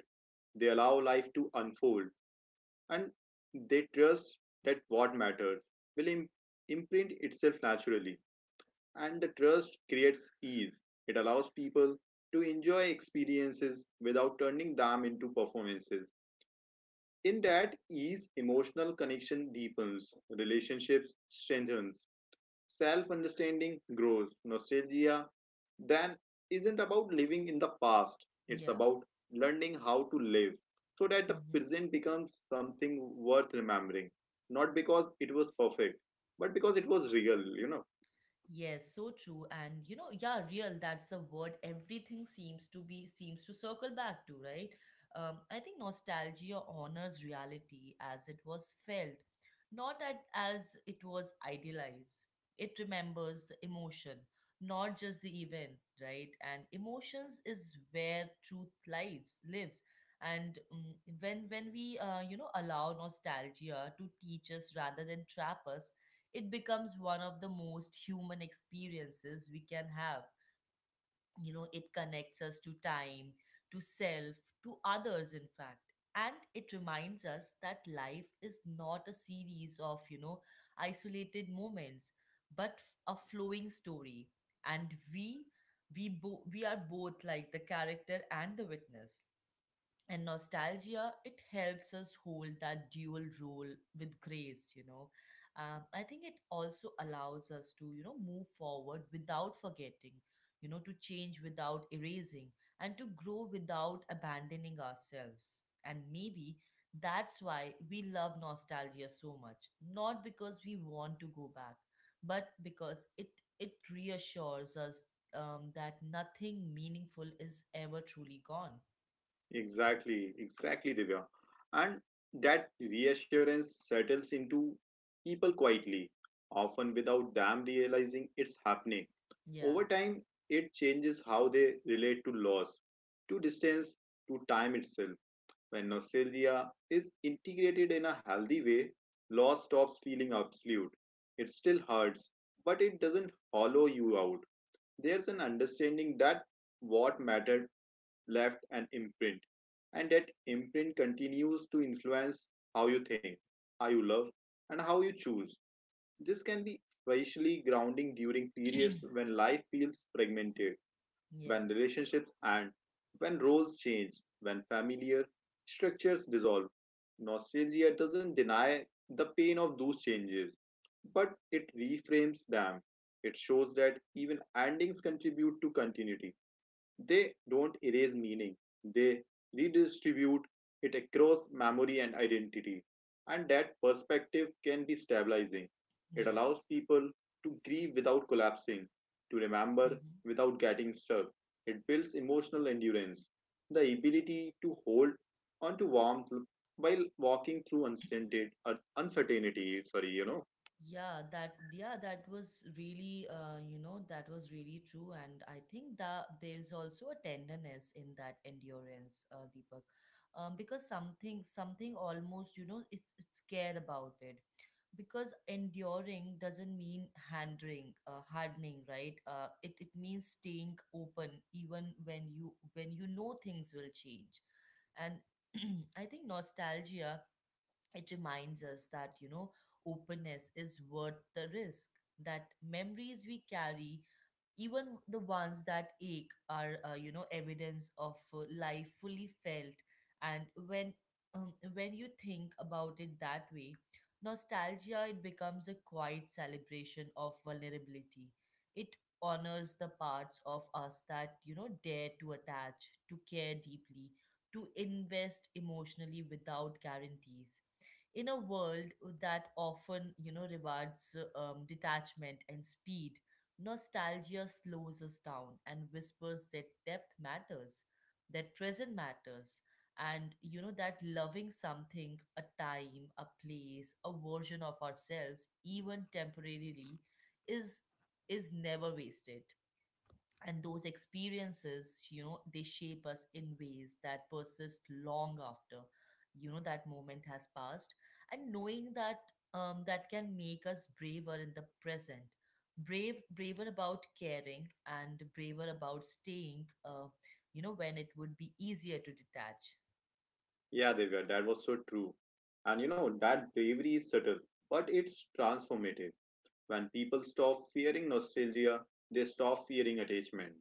[SPEAKER 2] They allow life to unfold and they trust that what matters will imprint itself naturally. And the trust creates ease. It allows people to enjoy experiences without turning them into performances. In that ease, emotional connection deepens, relationships strengthens, self understanding grows. Nostalgia then isn't about living in the past, it's
[SPEAKER 1] Yeah.
[SPEAKER 2] about learning how to live so that the
[SPEAKER 1] Mhm.
[SPEAKER 2] present becomes something worth remembering. Not because it was perfect, but because it was real.
[SPEAKER 1] Yes, so true. And yeah, real, that's the word everything seems to circle back to, right? I think nostalgia honors reality as it was felt, not at, as it was idealized. It remembers the emotion, not just the event, right? And emotions is where truth lives. And when we allow nostalgia to teach us rather than trap us, it becomes one of the most human experiences we can have. You know, it connects us to time, to self, to others, in fact. And it reminds us that life is not a series of, you know, isolated moments, but a flowing story. And we are both like the character and the witness, and nostalgia it helps us hold that dual role with grace, you know. I think it also allows us to, you know, move forward without forgetting, you know, to change without erasing, and to grow without abandoning ourselves. And maybe that's why we love nostalgia so much, not because we want to go back, but because it reassures us, that nothing meaningful is ever truly gone.
[SPEAKER 2] Exactly, exactly, Divya. And that reassurance settles into people quietly, often without them realizing it's happening.
[SPEAKER 1] Yeah.
[SPEAKER 2] Over time, it changes how they relate to loss, to distance, to time itself. When nostalgia is integrated in a healthy way, loss stops feeling absolute. It still hurts, but it doesn't hollow you out. There's an understanding that what mattered left an imprint. And that imprint continues to influence how you think, how you love, and how you choose. This can be especially grounding during periods when life feels fragmented,
[SPEAKER 1] Yeah.
[SPEAKER 2] when relationships end, when roles change, when familiar structures dissolve. Nostalgia doesn't deny the pain of those changes, but it reframes them. It shows that even endings contribute to continuity, they don't erase meaning, they redistribute it across memory and identity. And that perspective can be stabilizing. It allows
[SPEAKER 1] Yes.
[SPEAKER 2] people to grieve without collapsing, to remember
[SPEAKER 1] Hmm.
[SPEAKER 2] without getting stuck. It builds emotional endurance, the ability to hold onto warmth while walking through uncertainty, uncertainty. Sorry, you know.
[SPEAKER 1] Yeah, that was really that was really true. And I think that there's also a tenderness in that endurance, Deepak. Because something almost, you know, it's care about it, because enduring doesn't mean handling hardening, right. It means staying open even when you know things will change. And I think nostalgia, it reminds us that, you know, openness is worth the risk, that memories we carry, even the ones that ache, are you know, evidence of life fully felt. And when you think about it that way, nostalgia it becomes a quiet celebration of vulnerability. It honors the parts of us that, you know, dare to attach, to care deeply, to invest emotionally without guarantees in a world that often, you know, rewards detachment and speed. Nostalgia slows us down and whispers that depth matters, that present matters, and you know, that loving something, a time, a place, a version of ourselves, even temporarily, is is never wasted. And those experiences, you know, they shape us in ways that persist long after, you know, that moment has passed. And knowing that, that can make us braver in the present, braver about caring and braver about staying, you know, when it would be easier to detach.
[SPEAKER 2] Yeah, Divya, that was so true. And you know, that bravery is subtle, but it's transformative. When people stop fearing nostalgia, they stop fearing attachment.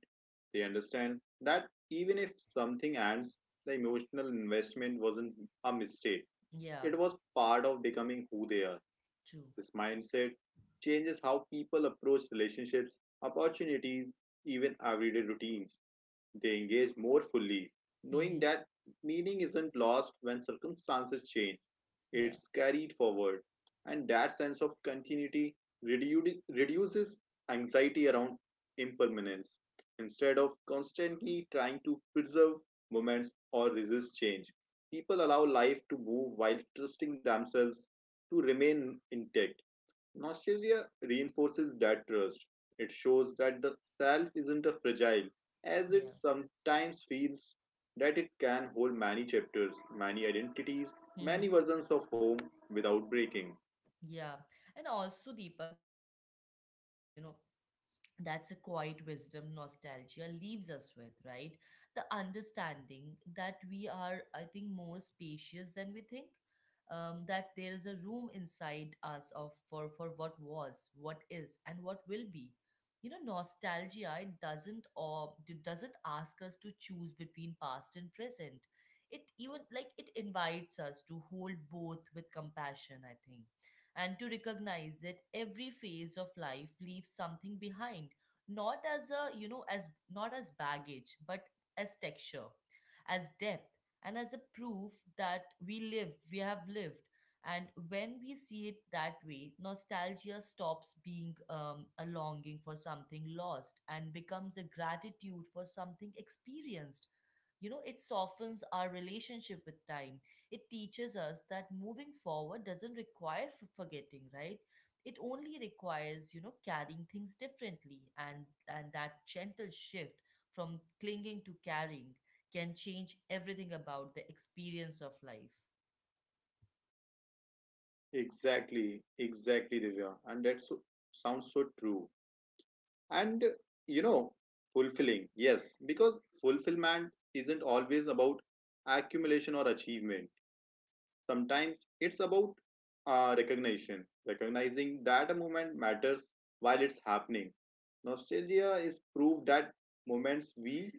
[SPEAKER 2] They understand that even if something ends, the emotional investment wasn't a mistake.
[SPEAKER 1] Yeah.
[SPEAKER 2] It was part of becoming who they are.
[SPEAKER 1] True.
[SPEAKER 2] This mindset changes how people approach relationships, opportunities, even everyday routines. They engage more fully, knowing
[SPEAKER 1] Mm-hmm.
[SPEAKER 2] that meaning isn't lost when circumstances change,
[SPEAKER 1] Yeah.
[SPEAKER 2] it's carried forward. And that sense of continuity reduces anxiety around impermanence. Instead of constantly trying to preserve moments or resist change, people allow life to move while trusting themselves to remain intact. Nostalgia reinforces that trust. It shows that the self isn't a fragile, as it
[SPEAKER 1] Yeah.
[SPEAKER 2] sometimes feels, that it can hold many chapters, many identities, many
[SPEAKER 1] mm-hmm.
[SPEAKER 2] versions of home without breaking.
[SPEAKER 1] Yeah. And also, Deepak, you know, that perhaps, you know, that's a quiet wisdom nostalgia leaves us with, right? The understanding that we are, I think, more spacious than we think. That there is a room inside us of for what was, what is, and what will be. You know, nostalgia it doesn't or it doesn't ask us to choose between past and present. It even like it invites us to hold both with compassion, I think, and to recognize that every phase of life leaves something behind, not as a you know as not as baggage, but as texture, as depth, and as a proof that we have lived. And when we see it that way, nostalgia stops being a longing for something lost and becomes a gratitude for something experienced. You know, it softens our relationship with time. It teaches us that moving forward doesn't require forgetting, right. It only requires, you know, carrying things differently. And that gentle shift from clinging to carrying can change everything about the experience of life.
[SPEAKER 2] Exactly, exactly, Divya. And that so, sounds so true. And, you know, fulfilling, yes, because fulfillment isn't always about accumulation or achievement. Sometimes it's about recognition, recognizing that a moment matters while it's happening. Nostalgia is proof that moments we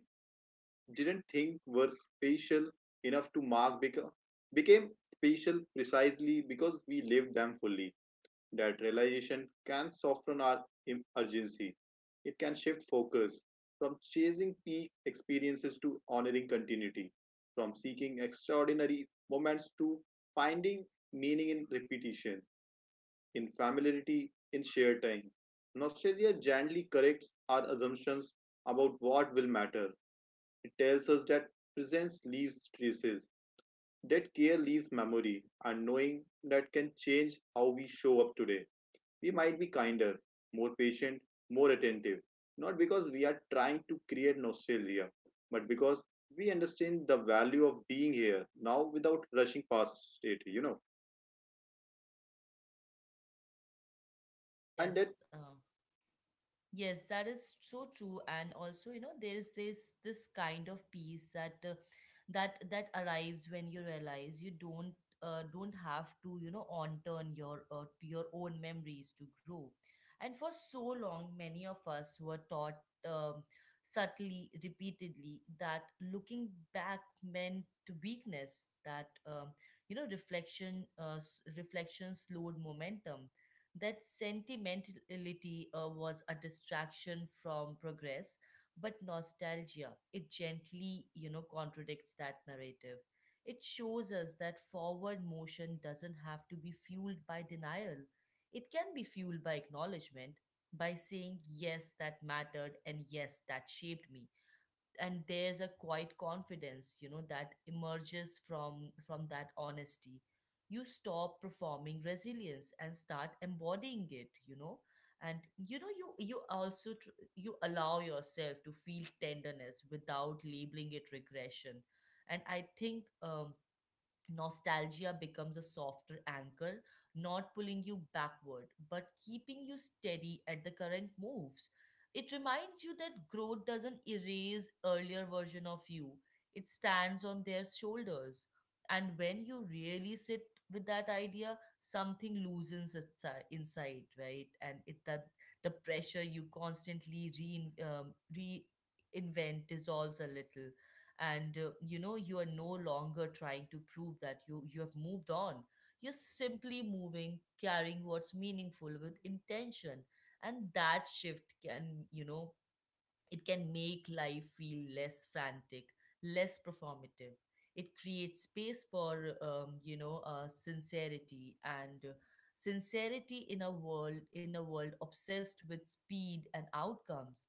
[SPEAKER 2] didn't think were special enough to mark became special precisely because we lived them fully. That realization can soften our urgency. It can shift focus from chasing peak experiences to honoring continuity, from seeking extraordinary moments to finding meaning in repetition, in familiarity, in shared time. Nostalgia gently corrects our assumptions about what will matter. It tells us that presence leaves traces, that care leaves memory, and knowing that can change how we show up today, we might be kinder, more patient, more attentive. Not because we are trying to create nostalgia, but because we understand the value of being here now without rushing past it. And that
[SPEAKER 1] yes uh, Yes, that is so true. And also, you know, there is this this kind of peace that that that arrives when you realize you don't have to, you know, on turn your to your own memories to grow. And for so long, many of us were taught, um, subtly, repeatedly, that looking back meant weakness, that you know, reflection, reflection slowed momentum, that sentimentality was a distraction from progress. But nostalgia, it gently, you know, contradicts that narrative. It shows us that forward motion doesn't have to be fueled by denial. It can be fueled by acknowledgement, by saying yes, that mattered, and yes, that shaped me. And there's a quiet confidence, you know, that emerges from that honesty. You stop performing resilience and start embodying it, you know. And you also you allow yourself to feel tenderness without labeling it regression. And I think nostalgia becomes a softer anchor, not pulling you backward, but keeping you steady at the current moves. It reminds you that growth doesn't erase earlier version of you. It stands on their shoulders. And when you really sit with that idea, something loosens inside, right? And it that the pressure you constantly reinvent dissolves a little. And you know, you are no longer trying to prove that you have moved on. You're simply moving, carrying what's meaningful with intention. And that shift can, you know, it can make life feel less frantic, less performative. It creates space for, you know, sincerity and sincerity in a world obsessed with speed and outcomes.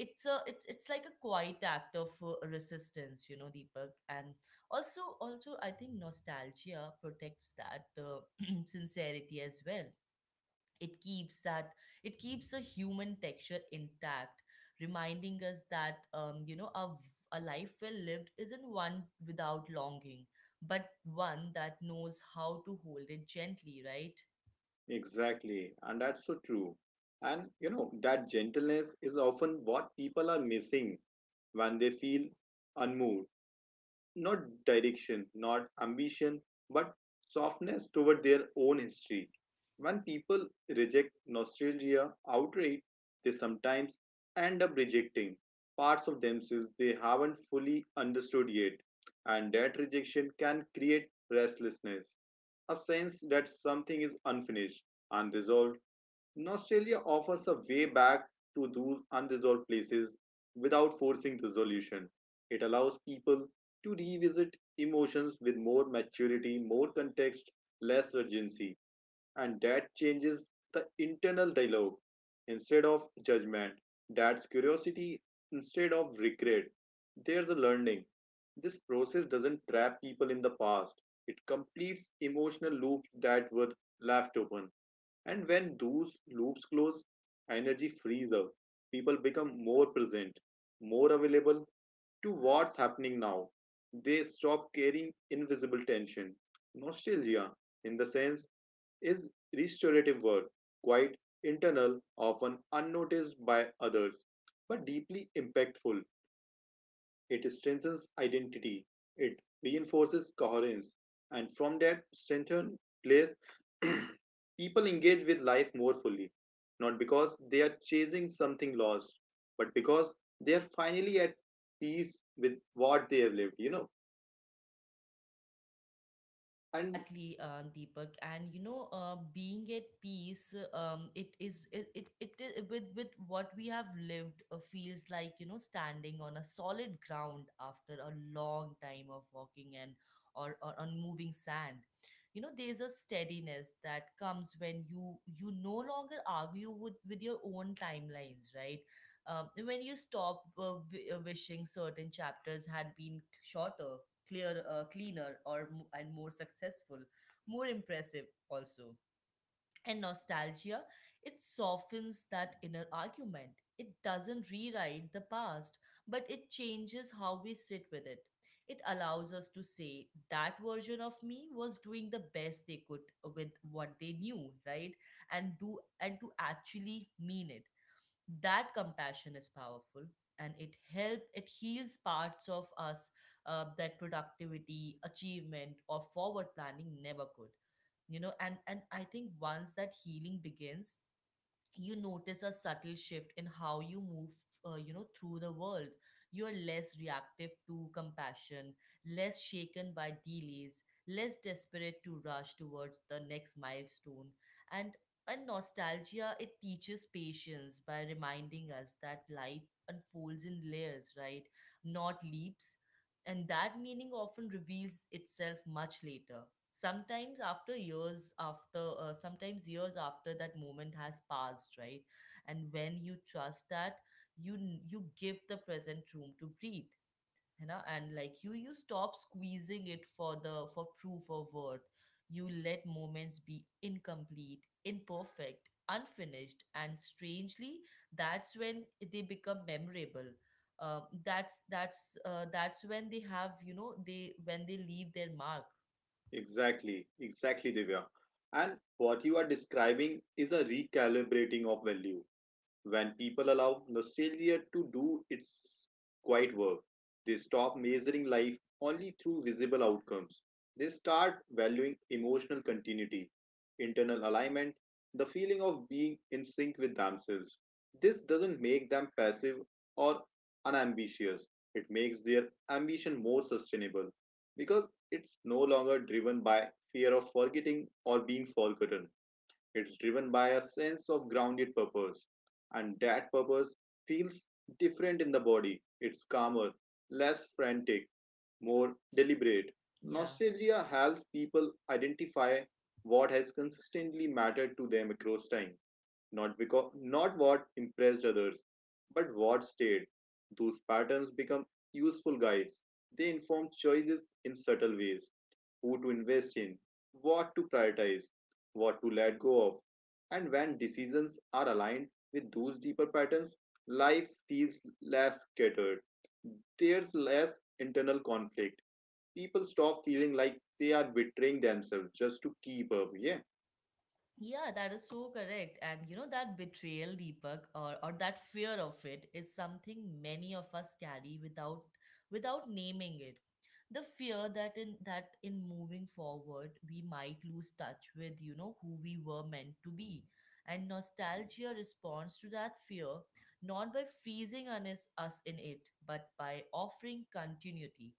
[SPEAKER 1] It's a it's it's like a quiet act of resistance, you know, Deepak. And also I think nostalgia protects that, sincerity as well. it keeps that it keeps the human texture intact, reminding us that, you know, a life well lived isn't one without longing, but one that knows how to hold it gently, right.
[SPEAKER 2] exactly, and that's so true. And you know, that gentleness is often what people are missing when they feel unmoved, not direction, not ambition, but softness toward their own history. When people reject nostalgia outright, they sometimes end up rejecting parts of themselves they haven't fully understood yet, and that rejection can create restlessness, a sense that something is unfinished, unresolved, and Australia offers a way back to those unresolved places without forcing resolution. It allows people to revisit emotions with more maturity, more context, less urgency, and that changes the internal dialogue. Instead of judgment, that's curiosity. Instead of regret, there's a learning. This process doesn't trap people in the past, it completes emotional loops that were left open. And when those loops close, energy frees up. People become more present, more available to what's happening now. They stop carrying invisible tension. Nostalgia, in the sense, is restorative work, quite internal, often unnoticed by others, but deeply impactful. It strengthens identity, it reinforces coherence, and from that strengthened place, people engage with life more fully, not because they are chasing something lost, but because they are finally at peace with what they have lived. And
[SPEAKER 1] Exactly, Deepak. And, you know, being at peace, it is it, it it I- with what we have lived feels like, you know, standing on a solid ground after a long time of walking, and or on moving sand. You know, there's a steadiness that comes when you no longer argue with your own timelines, right? When you stop wishing certain chapters had been shorter, cleaner, or mo- and more successful, more impressive also. And nostalgia, it softens that inner argument. It doesn't rewrite the past, but it changes how we sit with it. It allows us to say that version of me was doing the best they could with what they knew, right? And to actually mean it. That compassion is powerful, and it help it heals parts of us, that productivity, achievement, or forward planning never could. You know, and I think once that healing begins, you notice a subtle shift in how you move, you know, through the world. You are less reactive to compassion, less shaken by delays, less desperate to rush towards the next milestone. And and nostalgia, it teaches patience by reminding us that life unfolds in layers, right, not leaps, and that meaning often reveals itself much later, sometimes after years, after sometimes years after that moment has passed, right. And when you trust that, you give the present room to breathe, you know. And like you stop squeezing it for the for proof of worth. You let moments be incomplete, imperfect, unfinished, and strangely, that's when they become memorable. That's when they have, you know, they when they leave their mark.
[SPEAKER 2] exactly, exactly, Divya. And what you are describing is a recalibrating of value. When people allow nostalgia to do its quiet work, they stop measuring life only through visible outcomes. They start valuing emotional continuity, internal alignment, the feeling of being in sync with themselves. This doesn't make them passive or unambitious, it makes their ambition more sustainable because it's no longer driven by fear of forgetting or being forgotten. It's driven by a sense of grounded purpose, and that purpose feels different in the body. It's calmer, less frantic, more deliberate.
[SPEAKER 1] Yeah.
[SPEAKER 2] Nostalgia helps people identify what has consistently mattered to them across time, not because not what impressed others, but what stayed. Those patterns become useful guides. They inform choices in subtle ways, who to invest in, what to prioritize, what to let go of. And when decisions are aligned with those deeper patterns, life feels less scattered. There's less internal conflict. People stop feeling like they are betraying themselves just to keep up. Yeah,
[SPEAKER 1] Yeah, that is so correct. And you know, that betrayal, Deepak, or that fear of it is something many of us carry without without naming it. The fear that in moving forward we might lose touch with, you know, who we were meant to be. And nostalgia responds to that fear, not by freezing on us in it, but by offering continuity.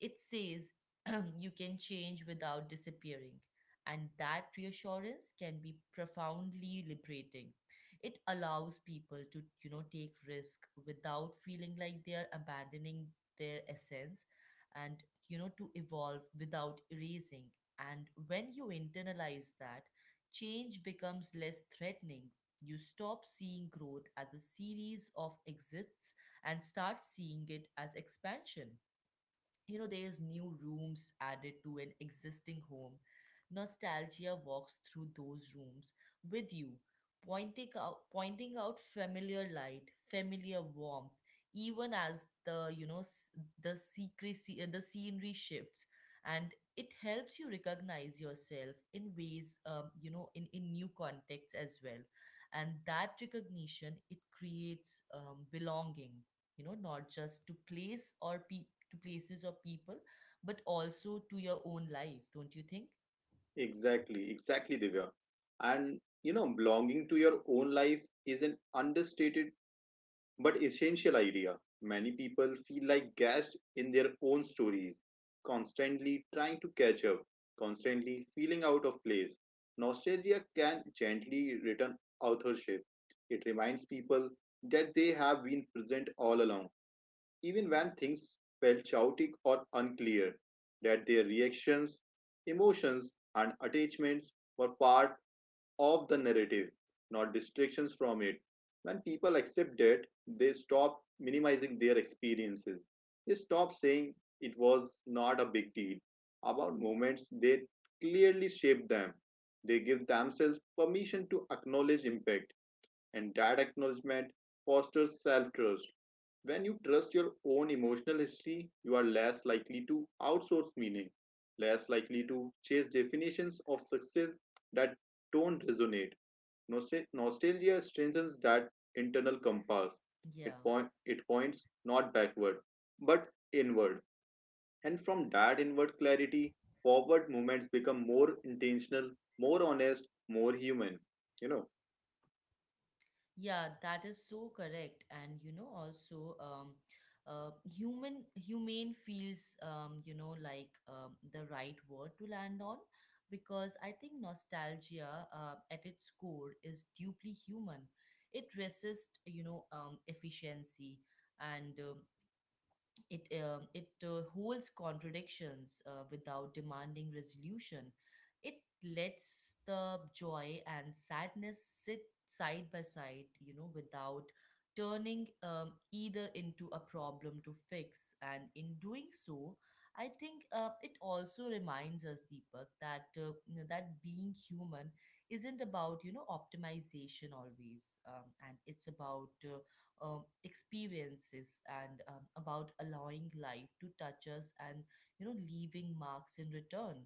[SPEAKER 1] It says you can change without disappearing. And that reassurance can be profoundly liberating. It allows people to, you know, take risk without feeling like they are abandoning their essence, and, you know, to evolve without erasing. And when you internalize that, change becomes less threatening. You stop seeing growth as a series of exists and start seeing it as expansion. There's new rooms added to an existing home. Nostalgia walks through those rooms with you, pointing out familiar light, familiar warmth, even as the you know s- the scenery shifts. And it helps you recognize yourself in ways, in new contexts as well. And that recognition, it creates belonging, not just to to places or people, but also to your own life, don't you think?
[SPEAKER 2] exactly, exactly, Divya. And you know, belonging to your own life is an understated but essential idea. Many people feel like gassed in their own stories, constantly trying to catch up, constantly feeling out of place. Nostalgia can gently return authorship. It reminds people that they have been present all along, even when things felt chaotic or unclear, that their reactions, emotions, and attachments were part of the narrative, not distractions from it. When people accept that, they stop minimizing their experiences. They stop saying it was not a big deal about moments they clearly shaped them. They give themselves permission to acknowledge impact, and that acknowledgement fosters self trust. When you trust your own emotional history, you are less likely to outsource meaning, less likely to chase definitions of success that don't resonate. Nostalgia strengthens that internal compass. It,
[SPEAKER 1] yeah
[SPEAKER 2] point, it points not backward, but inward. And from that inward clarity, forward movements become more intentional, more honest, more human. You know,
[SPEAKER 1] yeah that is so correct. And you know also humane feels, the right word to land on, because I think nostalgia, at its core, is deeply human. It resists, efficiency, and it holds contradictions without demanding resolution. It lets the joy and sadness sit side by side, without turning either into a problem to fix. And in doing so, I think, it also reminds us, Deepak, that, you know, that being human isn't about, optimization always, and it's about, experiences, and about allowing life to touch us and, you know, leaving marks in return.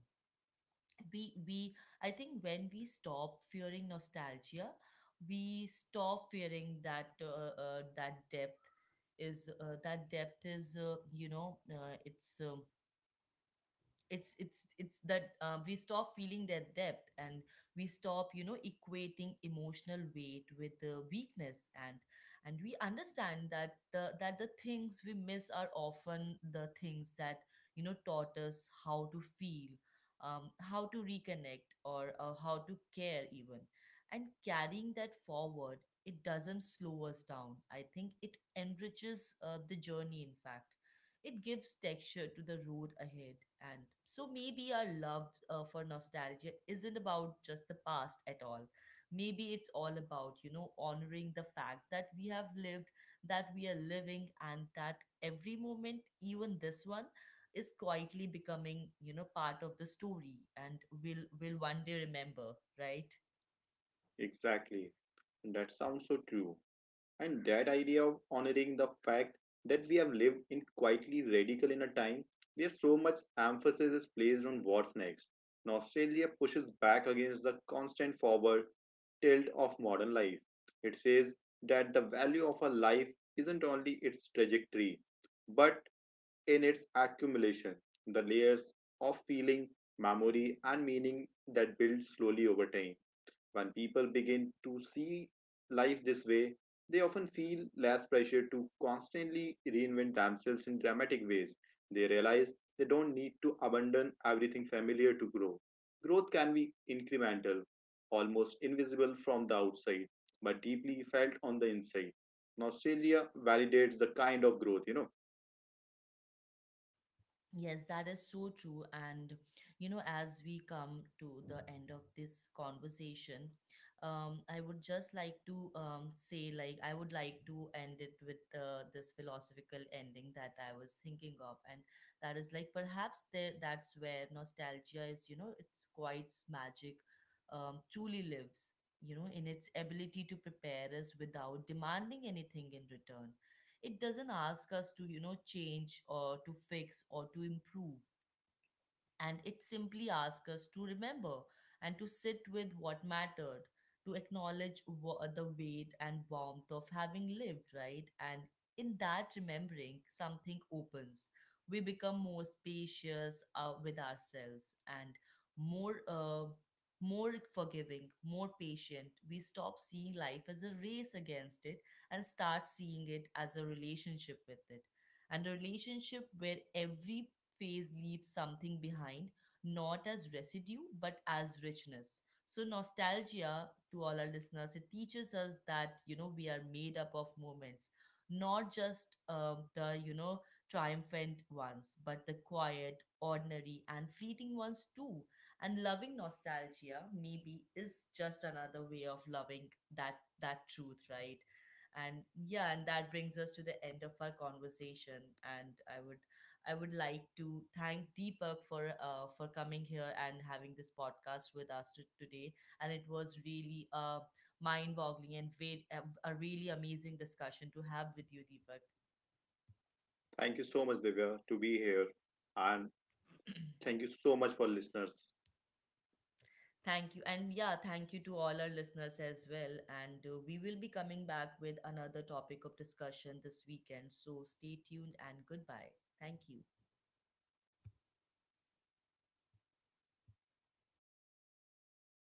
[SPEAKER 1] We, I think, when we stop fearing nostalgia, we stop fearing that, that depth is, you know it's that we stop feeling their depth, and we stop, you know, equating emotional weight with the weakness. And we understand that the things we miss are often the things that, you know, taught us how to feel, how to reconnect, or how to care even. And carrying that forward, it doesn't slow us down. I think it enriches, the journey, in fact. It gives texture to the road ahead. And so maybe our love, for nostalgia isn't about just the past at all. Maybe it's all about, you know, honoring the fact that we have lived, that we are living, and that every moment, even this one, is quietly becoming, you know, part of the story, and will one day remember, right?
[SPEAKER 2] exactly. And that sounds so true. And that idea of honoring the fact that we have lived in quietly radical in a time where so much emphasis is placed on what's next. Nostalgia pushes back against the constant forward tilt of modern life. It says that the value of a life isn't only its trajectory, but in its accumulation, the layers of feeling, memory, and meaning that build slowly over time. When people begin to see life this way, they often feel less pressure to constantly reinvent themselves in dramatic ways. They realize they don't need to abandon everything familiar to grow. Growth can be incremental, almost invisible from the outside, but deeply felt on the inside. Nostalgia validates the kind of growth, you know.
[SPEAKER 1] Yes, that is so true. And, you know, as we come to the end of this conversation, I would just like to, say, like, I would like to end it with, this philosophical ending that I was thinking of. And that is like, perhaps that's where nostalgia, is, you know, it's quite magic, truly lives, you know, in its ability to prepare us without demanding anything in return. It doesn't ask us to, you know, change, or to fix, or to improve. And it simply asks us to remember, and to sit with what mattered, to acknowledge the weight and warmth of having lived, right? And in that remembering, something opens. We become more spacious, with ourselves, and more. Uh, more forgiving, more patient. We stop seeing life as a race against it, and start seeing it as a relationship with it. And a relationship where every phase leaves something behind, not as residue, but as richness. So, nostalgia, to all our listeners, it teaches us that, you know, we are made up of moments, not just the, you know, triumphant ones, but the quiet, ordinary, and fleeting ones too. And loving nostalgia, maybe, is just another way of loving that truth, right? And yeah, and that brings us to the end of our conversation. And I would like to thank Deepak for, for coming here and having this podcast with today. And it was really, mind-boggling, and a really amazing discussion to have with you, Deepak.
[SPEAKER 2] Thank you so much, Divya, to be here. And thank you so much for listeners.
[SPEAKER 1] Thank you. And yeah, thank you to all our listeners as well. And we will be coming back with another topic of discussion this weekend. So stay tuned, and goodbye. Thank you.